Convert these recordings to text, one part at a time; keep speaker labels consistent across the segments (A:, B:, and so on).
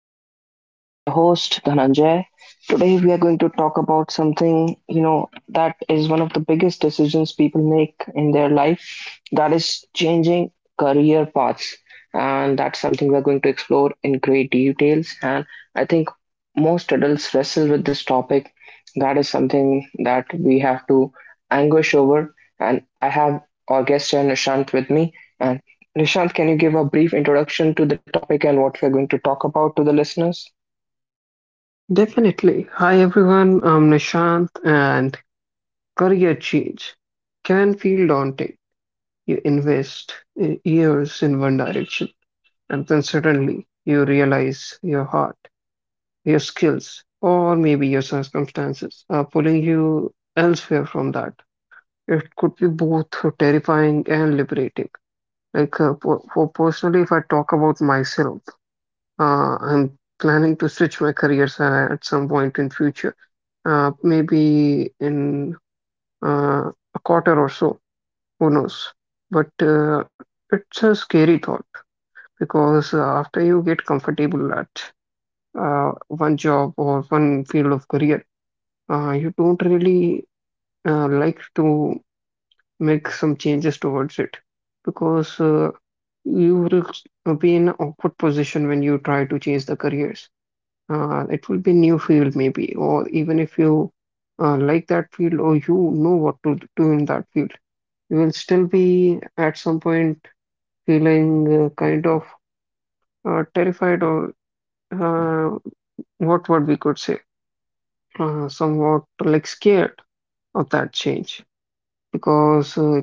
A: welcome, guys. I'm your host Dhananjay. Today we are going to talk about something that is one of the biggest decisions people make in their life. That is changing career paths, and that's something we are going to explore in great details. And I think most adults wrestle with this topic. That is something that we have to anguish over. And I have our guest here, Nishant, with me. Nishant, can you give a brief introduction to the topic and what we're going to talk about to the listeners?
B: Definitely. Hi everyone, I'm Nishant and career change can feel daunting. You invest years in one direction, and then suddenly you realize your heart, your skills, or maybe your circumstances are pulling you elsewhere from that. It could be both terrifying and liberating. For personally, if I talk about myself, I'm planning to switch my career at some point in future, maybe in a quarter or so. Who knows? But it's a scary thought because after you get comfortable at one job or one field of career, you don't really like to make some changes towards it because you will be in an awkward position when you try to change the careers. Uh, it will be new field maybe, or even if you like that field or you know what to do in that field, you will still be at some point feeling kind of terrified, or uh, what we could say somewhat like scared of that change. because uh,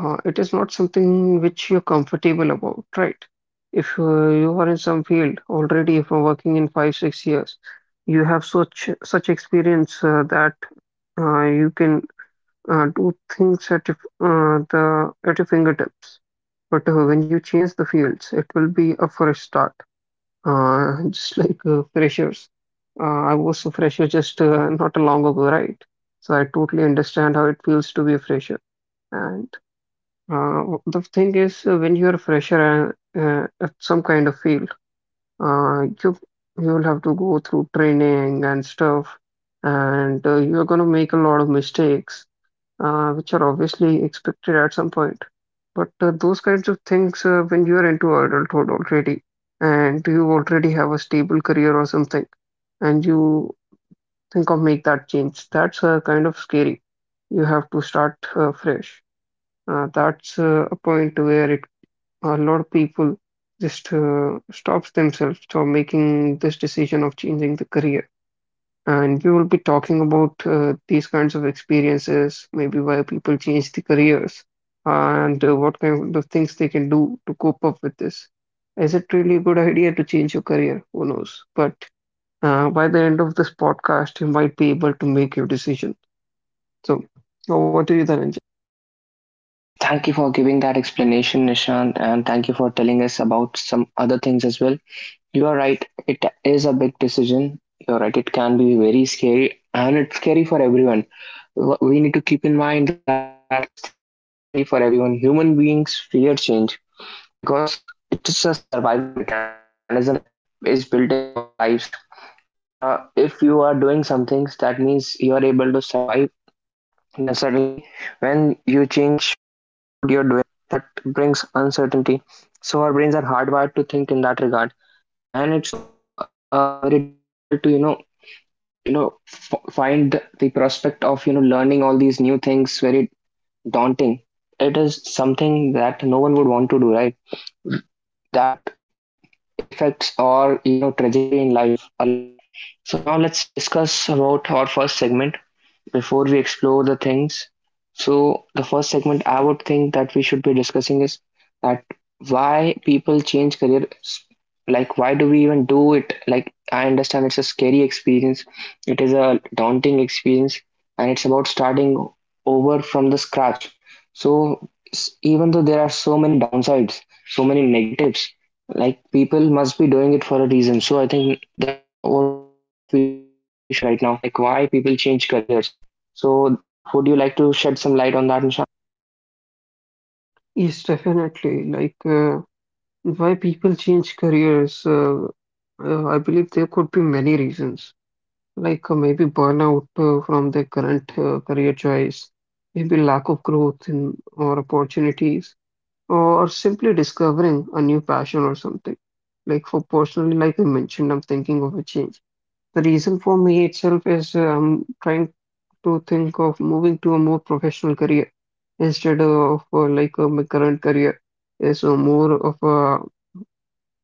B: Uh, it is not something which you're comfortable about, right? If you are in some field already from working in five, 6 years, you have such experience that you can do things at your fingertips. But when you change the fields, it will be a fresh start, just like freshers. Uh, I was a fresher just not long ago, right? So I totally understand how it feels to be a fresher. And. The thing is, when you're fresher and at some kind of field, uh, you you will have to go through training and stuff, and you're going to make a lot of mistakes, which are obviously expected at some point. But those kinds of things, when you're into adulthood already, and you already have a stable career or something, and you think of make that change, that's kind of scary. You have to start fresh. That's a point where it a lot of people just stops themselves from making this decision of changing the career. And we will be talking about these kinds of experiences, maybe why people change the careers, and what kind of things they can do to cope up with this. Is it really a good idea to change your career? Who knows? But by the end of this podcast, you might be able to make your decision. So, over to you, Dhananjay.
A: Thank you for giving that explanation, Nishant, and thank you for telling us about some other things as well. You are right, it is a big decision. You're right, it can be very scary and it's scary for everyone. We need to keep in mind that this thing is scary for everyone. Human beings fear change because it is a survival mechanism that is built in our lives. If you are doing some things, that means you are able to survive. Then suddenly, when you change what you're doing, that brings uncertainty. So our brains are hardwired to think in that regard, and it's also very difficult to find the prospect of learning all these new things very daunting. It is something that no one would want to do, right? That affects our trajectory in life a lot. So now let's discuss about our first segment, before we explore the things. So, the first segment I would think that we should be discussing is that why people change careers. Like, why do we even do it? Like, I understand it's a scary experience, it is a daunting experience, and it's about starting over from the scratch. So, even though there are so many downsides, so many negatives, like people must be doing it for a reason. So, I think that's what we should be discussing right now, like why people change careers. So, would you like to shed some light on that, Nishant?
B: Yes, definitely. Why people change careers? I believe there could be many reasons, like maybe burnout from their current career choice, maybe lack of growth in or opportunities, or simply discovering a new passion or something. Like for personally, like I mentioned, I'm thinking of a change. The reason for me itself is I'm trying to think of moving to a more professional career instead of my current career is more of a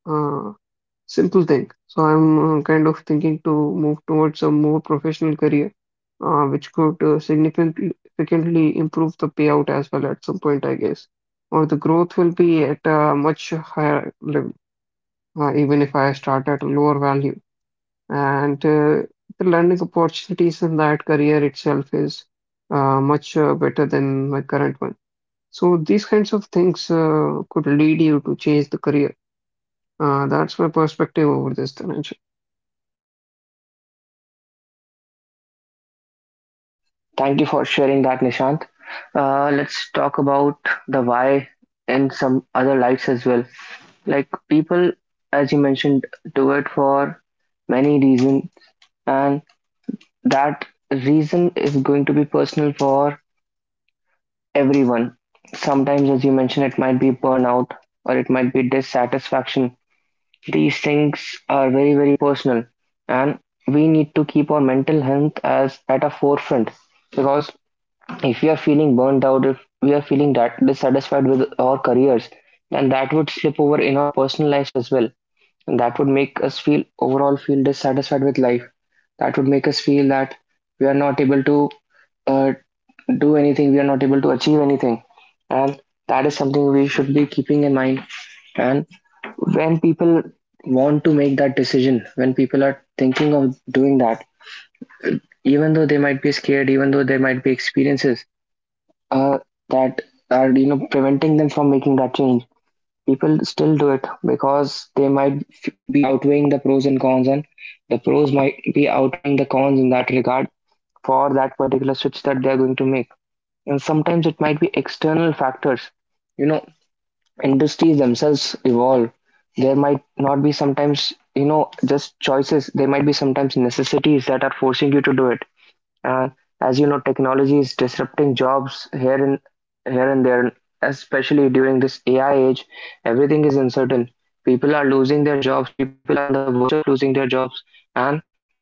B: uh, simple thing. So I'm kind of thinking to move towards a more professional career, which could significantly improve the payout as well at some point, I guess. Or the growth will be at a much higher level, even if I start at a lower value. And the learning opportunities in that career itself is much better than my current one. So these kinds of things could lead you to change the career. That's my perspective over this, Dhananjay.
A: Thank you for sharing that, Nishant. Let's talk about the why and some other lights as well. Like people, as you mentioned, do it for many reasons, and that reason is going to be personal for everyone. Sometimes, as you mentioned, it might be burnout or it might be dissatisfaction. These things are very, very personal, and we need to keep our mental health as at a forefront because if we are feeling burnt out, if we are feeling that dissatisfied with our careers, then that would slip over in our personal lives as well, and that would make us feel overall feel dissatisfied with life. That would make us feel that we are not able to uh, do anything, we are not able to achieve anything, and that is something we should be keeping in mind. And when people want to make that decision, when people are thinking of doing that, even though they might be scared, even though there might be experiences uh, that are preventing them from making that change, people still do it because they might be outweighing the pros and cons, and the pros might be outweighing the cons in that regard for that particular switch that they are going to make. And sometimes it might be external factors. You know, industries themselves evolve. There might not be sometimes, you know, just choices. There might be sometimes necessities that are forcing you to do it. And as you know, technology is disrupting jobs here and there, especially during this AI age. Everything is uncertain. People are losing their jobs, people are on the verge of losing their jobs, and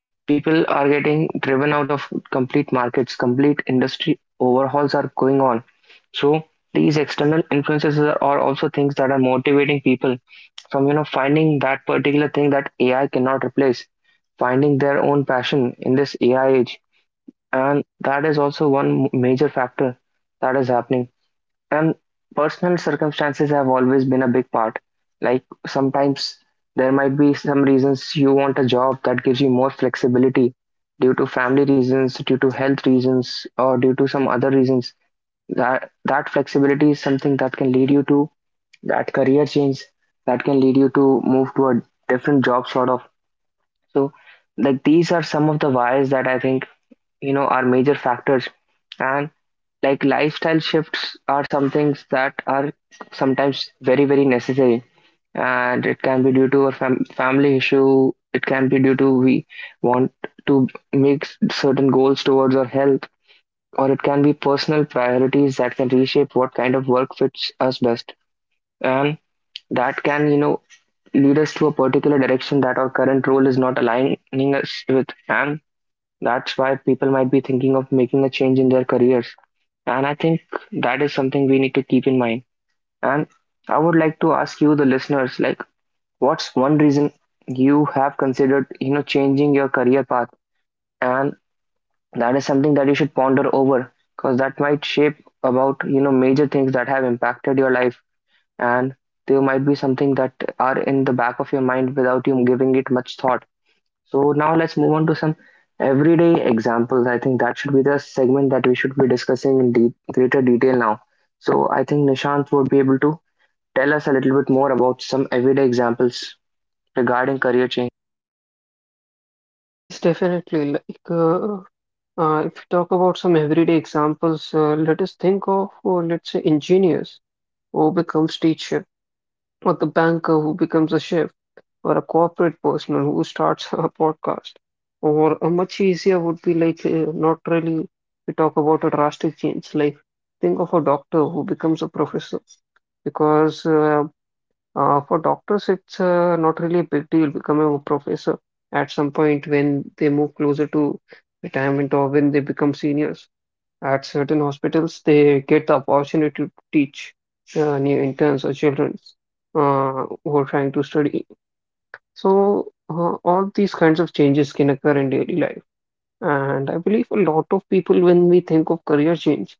A: people are getting driven out of complete markets, complete industry overhauls are going on. So these external influences are also things that are motivating people from, you know, finding that particular thing that AI cannot replace, finding their own passion in this AI age, and that is also one major factor that is happening. And personal circumstances have always been a big part. Like sometimes there might be some reasons you want a job that gives you more flexibility due to family reasons, due to health reasons, or due to some other reasons. That flexibility is something that can lead you to that career change, that can lead you to move to a different job sort of. So like these are some of the whys that I think, you know, are major factors. And like lifestyle shifts are some things that are sometimes very, very necessary, and it can be due to a family issue, it can be due to we want to make certain goals towards our health, or it can be personal priorities that can reshape what kind of work fits us best. And that can, you know, lead us to a particular direction that our current role is not aligning us with, and that's why people might be thinking of making a change in their careers. And I think that is something we need to keep in mind. And I would like to ask you, the listeners, like, what's one reason you have considered, you know, changing your career path? And that is something that you should ponder over because that might shape about, you know, major things that have impacted your life. And there might be something that are in the back of your mind without you giving it much thought. So now let's move on to some everyday examples. I think that should be the segment that we should be discussing in greater detail now. So I think Nishant would be able to tell us a little bit more about some everyday examples regarding career change.
B: Yes, definitely. If you talk about some everyday examples, let us think of, let's say, engineers who becomes teacher, or the banker who becomes a chef, or a corporate person who starts a podcast. Or a much easier would be like not really we talk about a drastic change. Like think of a doctor who becomes a professor because for doctors, it's not really a big deal becoming a professor at some point when they move closer to retirement or when they become seniors. At certain hospitals, they get the opportunity to teach new interns or children who are trying to study. So, all these kinds of changes can occur in daily life. And I believe a lot of people, when we think of career change,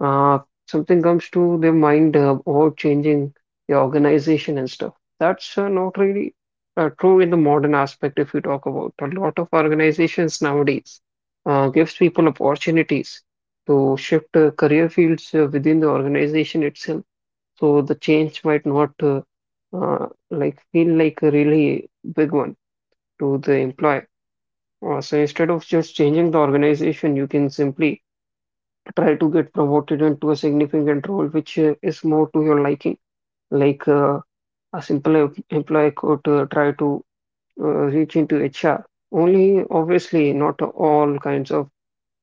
B: uh, something comes to their mind about changing the organization and stuff. That's not really true in the modern aspect if you talk about. A lot of organizations nowadays gives people opportunities to shift career fields within the organization itself. So the change might not like feel like a really big one to the employer. So instead of just changing the organization, you can simply try to get promoted into a significant role which is more to your liking. Like, a simple employee could try to uh, reach into HR. Only obviously not all kinds of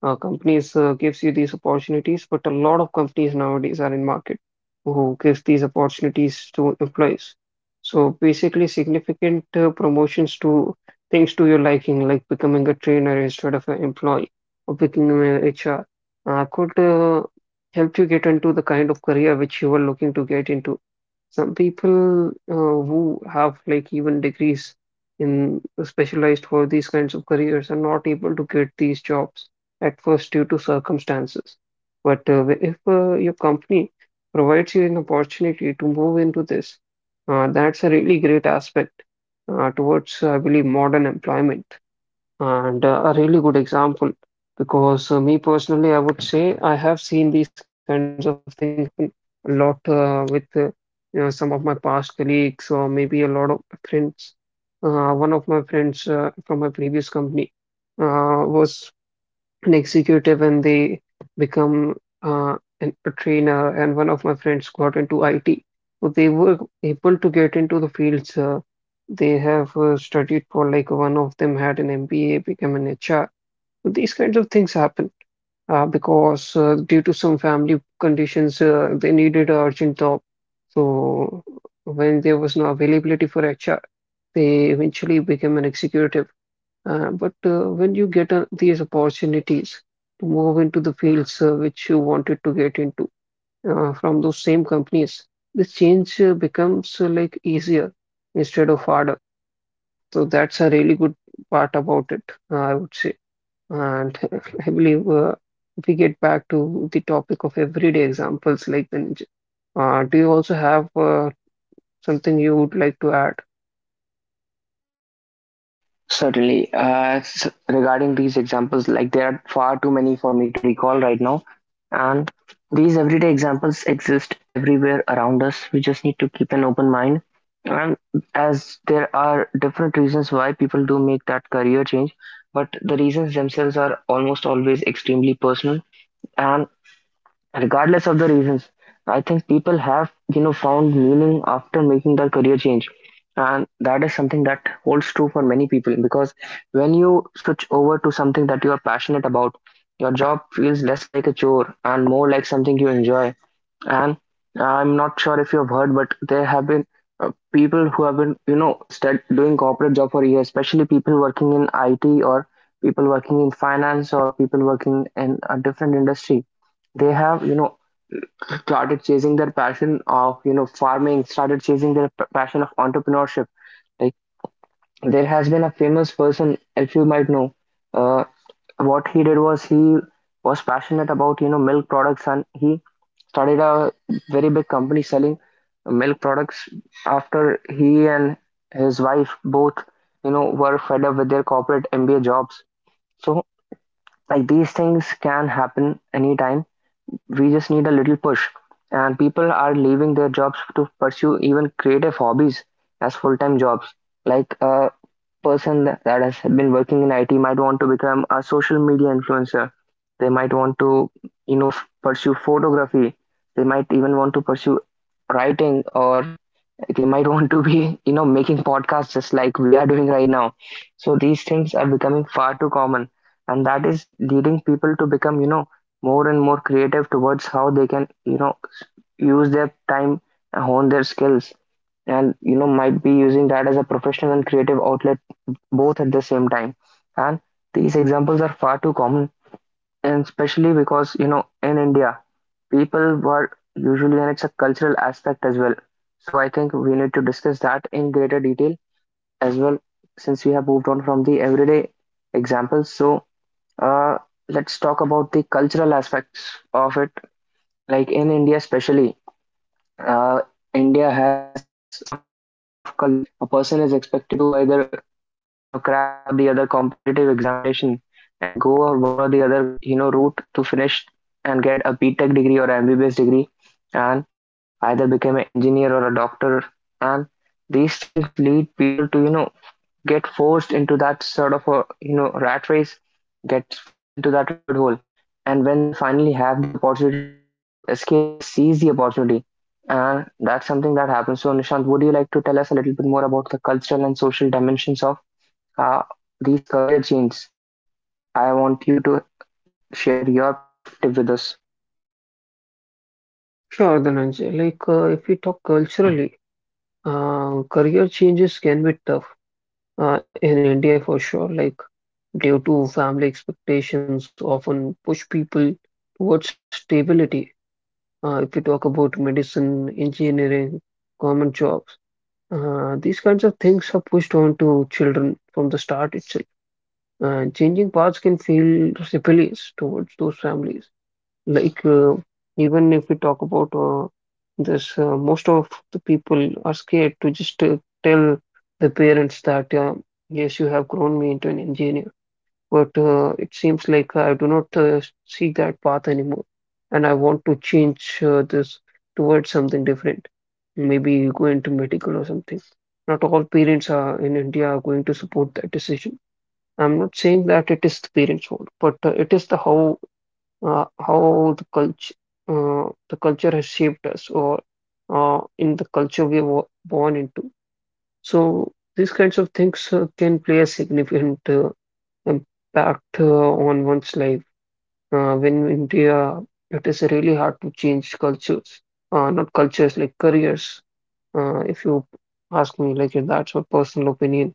B: companies gives you these opportunities, but a lot of companies nowadays are in market who gives these opportunities to employees. So basically, significant promotions to things to your liking, like becoming a trainer instead of an employee or becoming an HR, could help you get into the kind of career which you were looking to get into. Some people who have like even degrees in specialized for these kinds of careers are not able to get these jobs at first due to circumstances. But if your company provides you an opportunity to move into this, that's a really great aspect towards, I believe, modern employment, and a really good example because me personally, I would say I have seen these kinds of things happen a lot with you know, some of my past colleagues or maybe a lot of friends. One of my friends from my previous company was an executive and they become a trainer, and one of my friends got into IT. So they were able to get into the fields. They have studied for, like one of them had an MBA, became an HR. So these kinds of things happen because due to some family conditions, they needed an urgent job. So when there was no availability for HR, they eventually became an executive, but when you get these opportunities to move into the fields which you wanted to get into from those same companies, the change becomes like easier instead of harder. So that's a really good part about it, I would say. And I believe if we get back to the topic of everyday examples like the ninja, do you also have something you would like to add?
A: Certainly. Regarding these examples, like there are far too many for me to recall right now. And these everyday examples exist everywhere around us. We just need to keep an open mind. And as there are different reasons why people do make that career change, but the reasons themselves are almost always extremely personal. And regardless of the reasons, I think people have, you know, found meaning after making their career change. And that is something that holds true for many people because when you switch over to something that you are passionate about, your job feels less like a chore and more like something you enjoy. And I'm not sure if you have heard, but there have been people who have been, you know, doing corporate job for years, especially people working in it, or people working in finance, or people working in a different industry, they have, you know, started chasing their passion of, you know, farming, started chasing their passion of entrepreneurship. Like there has been a famous person, if you might know. uh, what he did was he was passionate about, you know, milk products, and he started a very big company selling milk products after he and his wife both, you know, were fed up with their corporate MBA jobs. So like these things can happen anytime. We just need a little push. And people are leaving their jobs to pursue even creative hobbies as full-time jobs. Like a person that has been working in IT might want to become a social media influencer. They might want to, you know, pursue photography. They might even want to pursue writing, or they might want to be, you know, making podcasts just like we are doing right now. So these things are becoming far too common, and that is leading people to become, you know, more and more creative towards how they can, you know, use their time and hone their skills, and, you know, might be using that as a professional and creative outlet both at the same time. And these examples are far too common, and especially because, you know, in India, people were usually, and it's a cultural aspect as well. So I think we need to discuss that in greater detail as well, since we have moved on from the everyday examples. So, uh, let's talk about the cultural aspects of it. Like in India especially, uh, India has a sort of culture where a person is expected to either, you know, crack one or the other competitive examination and go one or the other, you know, route to finish and get a BTech degree or MBBS degree, and either become an engineer or a doctor. And these things lead people to, you know, get forced into that sort of a, you know, rat race, gets forced into that rabbit hole, and when they finally have the opportunity to escape, they seize the opportunity, and that's something that happens. So, Nishant, would you like to tell us a little bit more about the cultural and social dimensions of uh, these career changes? I want you to share your perspective with us.
B: Sure, Dhananjay. If we talk culturally, career changes can be tough in India for sure, like due to family expectations often push people towards stability. If we talk about medicine, engineering, government jobs, these kinds of things are pushed onto children from the start itself. And changing paths can feel rebellious towards those families. Like, uh, Even if we talk about this, most of the people are scared to just tell the parents that, yes, you have grown me into an engineer. But it seems like I do not see that path anymore. And I want to change this towards something different. Maybe go into medical or something. Not all parents are in India are going to support that decision. I'm not saying that it is the parents' fault, but it is the how the culture, the culture has shaped us, or in the culture we were born into. So these kinds of things can play a significant impact on one's life. When in India, it is really hard to change cultures, not cultures like careers. If you ask me, like that's my personal opinion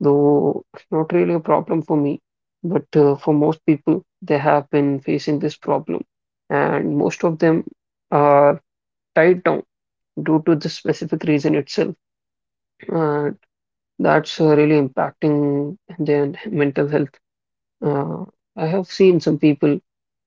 B: though it's not really a problem for me. But for most people, they have been facing this problem, and most of them are tied down due to this specific reason itself. And that's really impacting their mental health. Uh, I have seen some people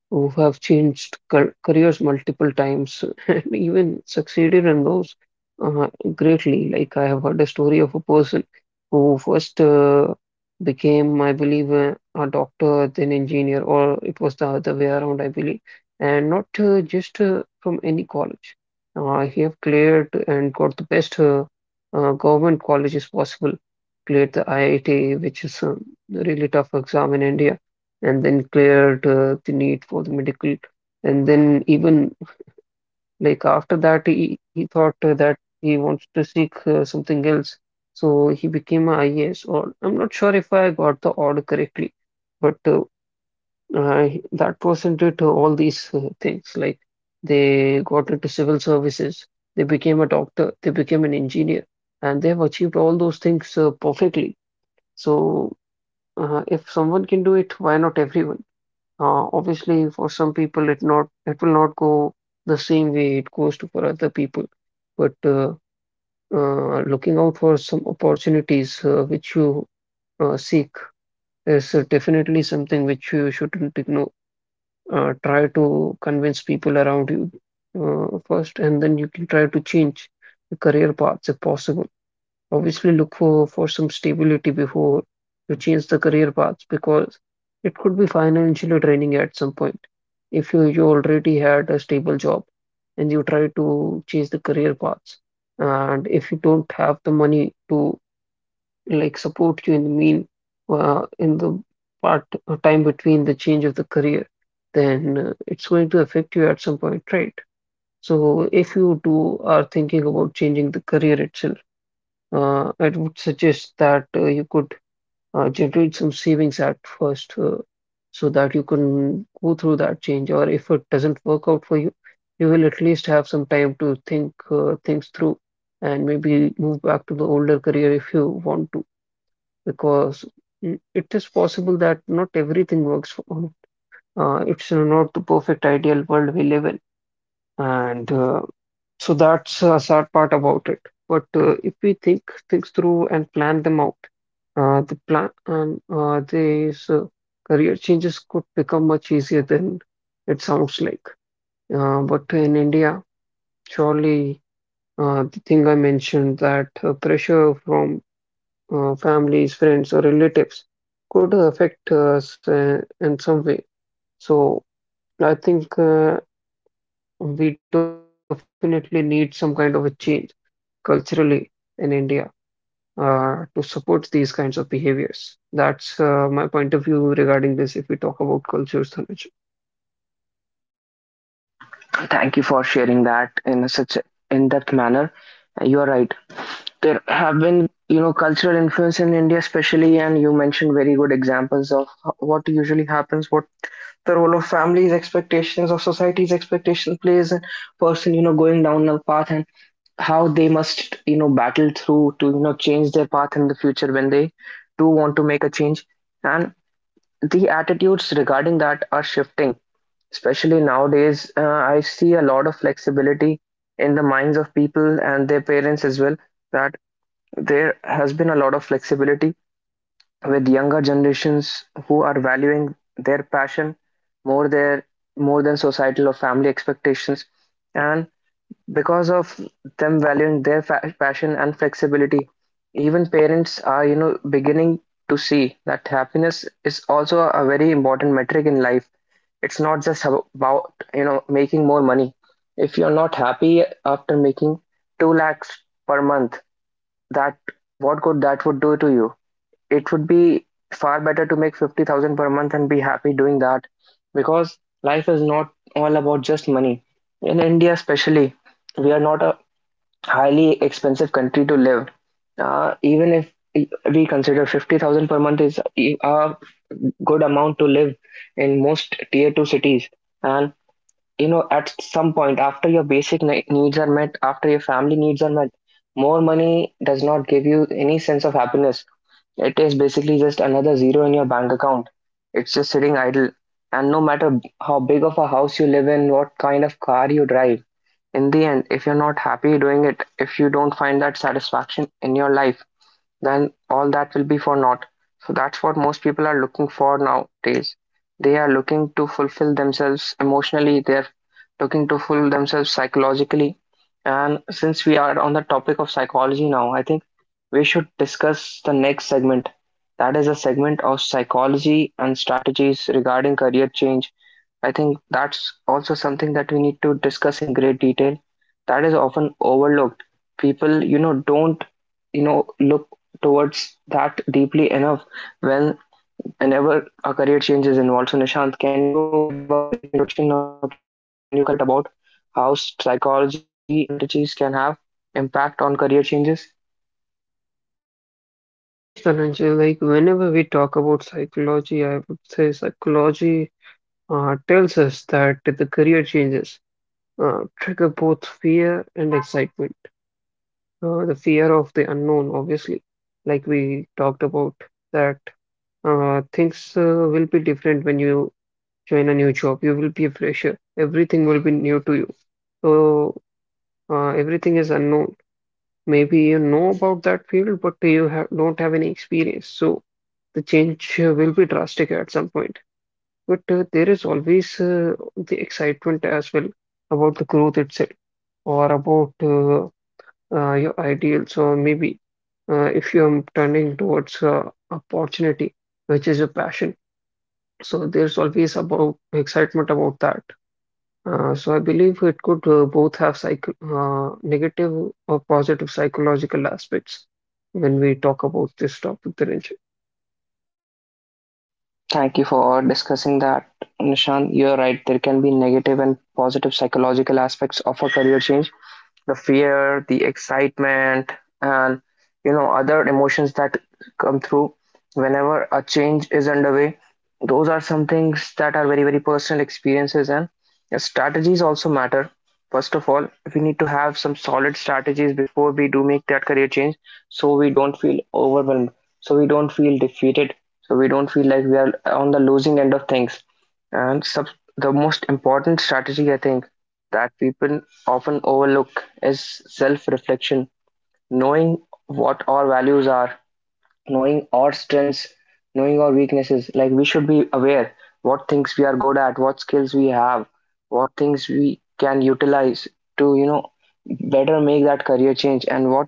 B: who have changed careers multiple times and even succeeded in those uh, greatly. Like I have heard a story of a person who first became, I believe, a doctor, then engineer, or it was the other way around, I believe, and not just from any college. He have cleared and got the best government colleges possible. Cleared the IIT, which is a really tough exam in India, and then cleared the need for the medical. And then even like after that, he thought that he wants to seek something else. So he became a IAS, or I'm not sure if I got the order correctly, but that person did all these things. Like they got into civil services, they became a doctor, they became an engineer, and they have achieved all those things perfectly. So if someone can do it, why not everyone? Obviously, for some people, it will not go the same way it goes to for other people. But looking out for some opportunities which you seek is definitely something which you shouldn't ignore. Try to convince people around you first, and then you can try to change the career paths if possible. Obviously look for some stability before you change the career paths, because it could be financially draining at some point. If you already had a stable job and you try to change the career paths, and if you don't have the money to like support you in the mean in the part time between the change of the career, then it's going to affect you at some point, right? So if you do are thinking about changing the career itself, I would suggest that you could generate some savings at first, so that you can go through that change. Or if it doesn't work out for you, you will at least have some time to think things through and maybe move back to the older career if you want to, because it is possible that not everything works for all. It's not the perfect ideal world we live in. And so that's a sad part about it. But if we think things through and plan them out, the plan these career changes could become much easier than it sounds like. But in India, surely, the thing I mentioned, that pressure from families, friends, or relatives could affect us in some way. So I think we definitely need some kind of a change culturally in India to support these kinds of behaviors. That's my point of view regarding this if we talk about cultures, Dhananjay.
A: Thank you for sharing that in such in-depth manner. You're right. There have been, you know, cultural influence in India, especially, and you mentioned very good examples of what usually happens, what the role of families' expectations, of society's expectation plays in person, you know, going down a path and how they must, you know, battle through to, you know, change their path in the future when they do want to make a change. And the attitudes regarding that are shifting. Especially nowadays, I see a lot of flexibility in the minds of people and their parents as well, that there has been a lot of flexibility with younger generations who are valuing their passion more their more than societal or family expectations, and because of them valuing their passion and flexibility, even parents are, you know, beginning to see that happiness is also a very important metric in life. It's not just about, you know, making more money. If you're not happy after making 2 lakhs per month, that what good that would do to you? It would be far better to make 50,000 per month and be happy doing that, because life is not all about just money. In India, especially, we are not a highly expensive country to live. Even if we consider 50,000 per month is a good amount to live in most tier 2 cities, and you know at some point after your basic needs are met, after your family needs are met, more money does not give you any sense of happiness. It is basically just another zero in your bank account. It's just sitting idle. And no matter how big of a house you live in, what kind of car you drive, in the end, if you're not happy doing it, if you don't find that satisfaction in your life, then all that will be for naught. So that's what most people are looking for nowadays. They are looking to fulfill themselves emotionally, they're looking to fulfill themselves psychologically. And since we are on the topic of psychology now, I think we should discuss the next segment. That is a segment of psychology and strategies regarding career change. I think that's also something that we need to discuss in great detail. That is often overlooked. People, you know, don't, you know, look towards that deeply enough when whenever a career change is involved. So Nishant, can you give a brief introduction or can you talk a little bit about how psychology and strategies can have impact on career changes?
B: Yes, Dhananjay, like whenever we talk about psychology, I would say psychology tells us that the career changes trigger both fear and excitement. The fear of the unknown, obviously, like we talked about, that things will be different when you join a new job. You will be a fresher. Everything will be new to you. So everything is unknown. Maybe you know about that field, but you don't have any experience. So the change will be drastic at some point. But there is always the excitement as well about the growth itself or about your ideals, or maybe if you're turning towards opportunity, which is your passion. So there's always about excitement about that. So I believe it could both have psycho negative or positive psychological aspects when we talk about this topic, Dhananjay.
A: Thank you for discussing that, Nishant. You're right, there can be negative and positive psychological aspects of a career change. The fear, the excitement, and you know, other emotions that come through whenever a change is underway. Those are some things that are very very personal experiences, and the strategies also matter. First of all, we need to have some solid strategies before we do make that career change, so we don't feel overwhelmed, so we don't feel defeated, so we don't feel like we are on the losing end of things. And the most important strategy, I think, that people often overlook is self-reflection, knowing what our values are, knowing our strengths, knowing our weaknesses. Like we should be aware what things we are good at, what skills we have, what things we can utilize to, you know, better make that career change and what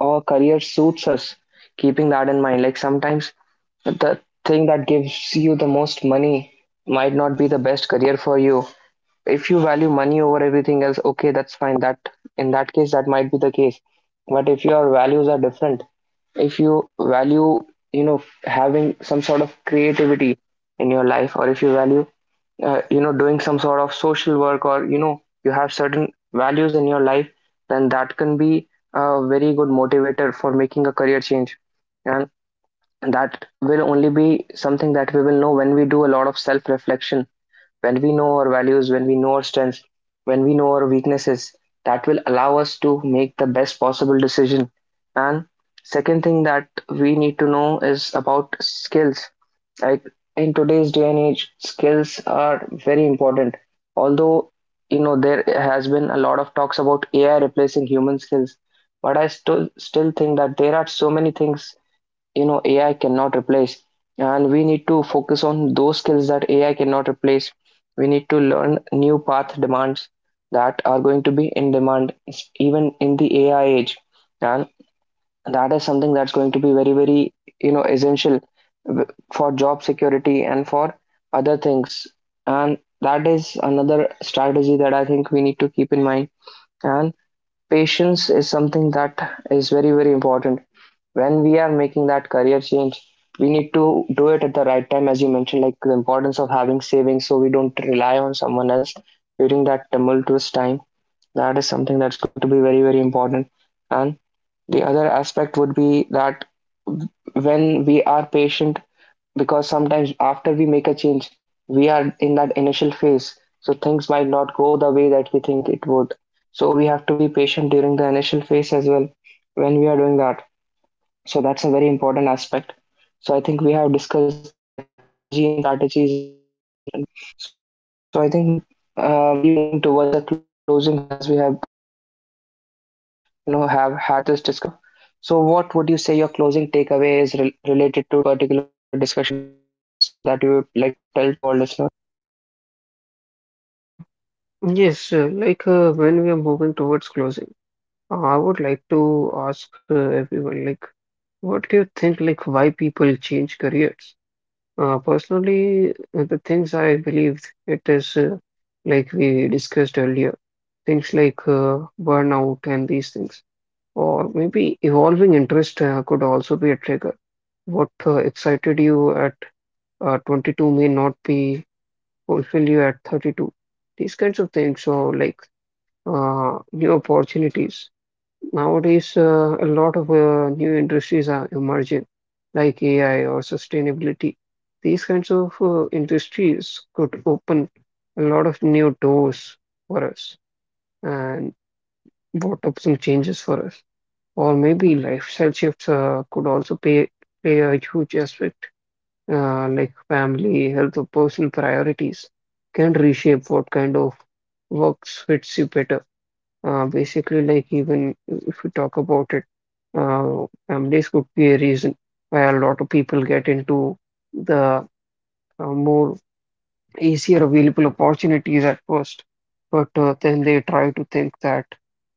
A: our career suits us, keeping that in mind. Like sometimes the thing that gives you the most money might not be the best career for you. If you value money over everything else, okay, that's fine, that in that case that might be the case. But if your values are different, if you value, you know, having some sort of creativity in your life, or if you value, you know, doing some sort of social work, or you know, you have certain values in your life, then that can be a very good motivator for making a career change, and that will only be something that we will know when we do a lot of self reflection, when we know our values, when we know our strengths, when we know our weaknesses. That will allow us to make the best possible decision. And second thing that we need to know is about skills. Like in today's day and age, skills are very important. Although, you know, there has been a lot of talks about AI replacing human skills, but I still think that there are so many things, you know, AI cannot replace. And we need to focus on those skills that AI cannot replace. We need to learn new path demands that are going to be in demand even in the AI age. And that is something that's going to be very, very, you know, essential for job security and for other things. And that is another strategy that I think we need to keep in mind. And patience is something that is very very important when we are making that career change. We need to do it at the right time, as you mentioned, like the importance of having savings so we don't rely on someone else during that tumultuous time. That is something that's going to be very very important. And the other aspect would be that when we are patient, because sometimes after we make a change, we are in that initial phase, so things might not go the way that we think it would. So we have to be patient during the initial phase as well when we are doing that. So that's a very important aspect. So I think we have discussed the psychology and strategies in detail. So I think Nishant, we should be moving towards a closing here as we have, you know, have had this discussion long enough. So what would you say your closing takeaway is related to this particular discussion of changing career paths so that you would like to tell to all listeners?
B: Yes, like when we are moving towards closing, I would like to ask everyone, like, what do you think, like, why people change careers? Personally, the things I believe it is like we discussed earlier, things like burnout and these things. Or maybe evolving interest could also be a trigger. What excited you at 22 may not be fulfill you at 32. These kinds of things. So, like new opportunities. Nowadays, a lot of new industries are emerging, like AI or sustainability. These kinds of industries could open a lot of new doors for us and brought up some changes for us. Or maybe lifestyle shifts could also play a huge aspect, like family, health, or personal priorities can reshape what kind of works fits you better. Basically, like even if we talk about it, families could be a reason why a lot of people get into the more easier available opportunities at first, but then they try to think that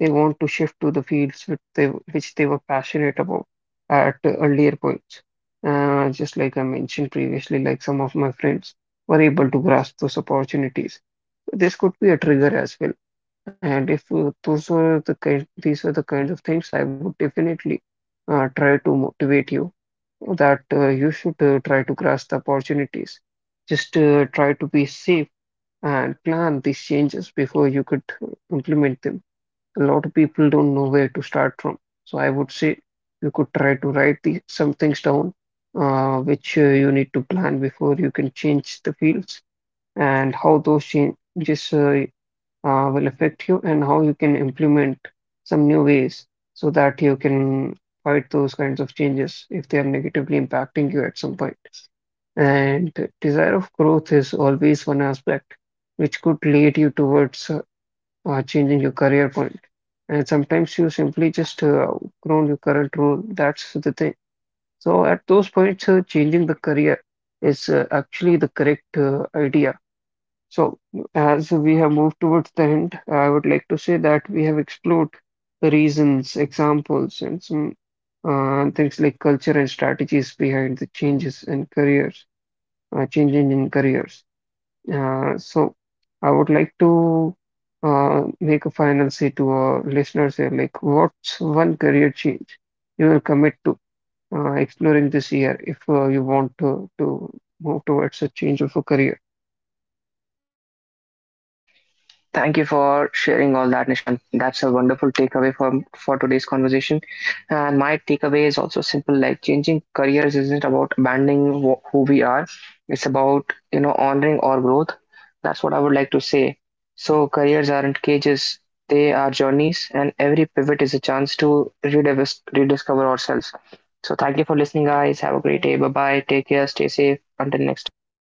B: they want to shift to the fields which they were passionate about at earlier points. Just like I mentioned previously, like some of my friends were able to grasp those opportunities. This could be a trigger as well. And if those were the kind, these were the kinds of things, I would definitely try to motivate you that you should try to grasp the opportunities. Just try to be safe and plan these changes before you could implement them. A lot of people don't know where to start from. So I would say you could try to write some things down which you need to plan before you can change the fields, and how those changes will affect you, and how you can implement some new ways so that you can fight those kinds of changes if they are negatively impacting you at some point. And the desire of growth is always one aspect which could lead you towards changing your career point. And sometimes you simply just outgrown your current role. That's the thing. So at those points, changing the career is actually the correct idea. So, as we have moved towards the end, I would like to say that we have explored the reasons, examples, and some things like culture and strategies behind the changes in careers, uh, changing in careers. So, I would like to make a final say to our listeners here, like, what's one career change you will commit to exploring this year if you want to move towards a change of a career?
A: Thank you for sharing all that, Nishant. That's a wonderful takeaway from for today's conversation. And my takeaway is also simple: like changing careers isn't about abandoning who we are. It's about, you know, honoring our growth. That's what I would like to say. So careers aren't cages; they are journeys, and every pivot is a chance to rediscover ourselves. So thank you for listening, guys. Have a great day. Bye bye. Take care. Stay safe. Until next.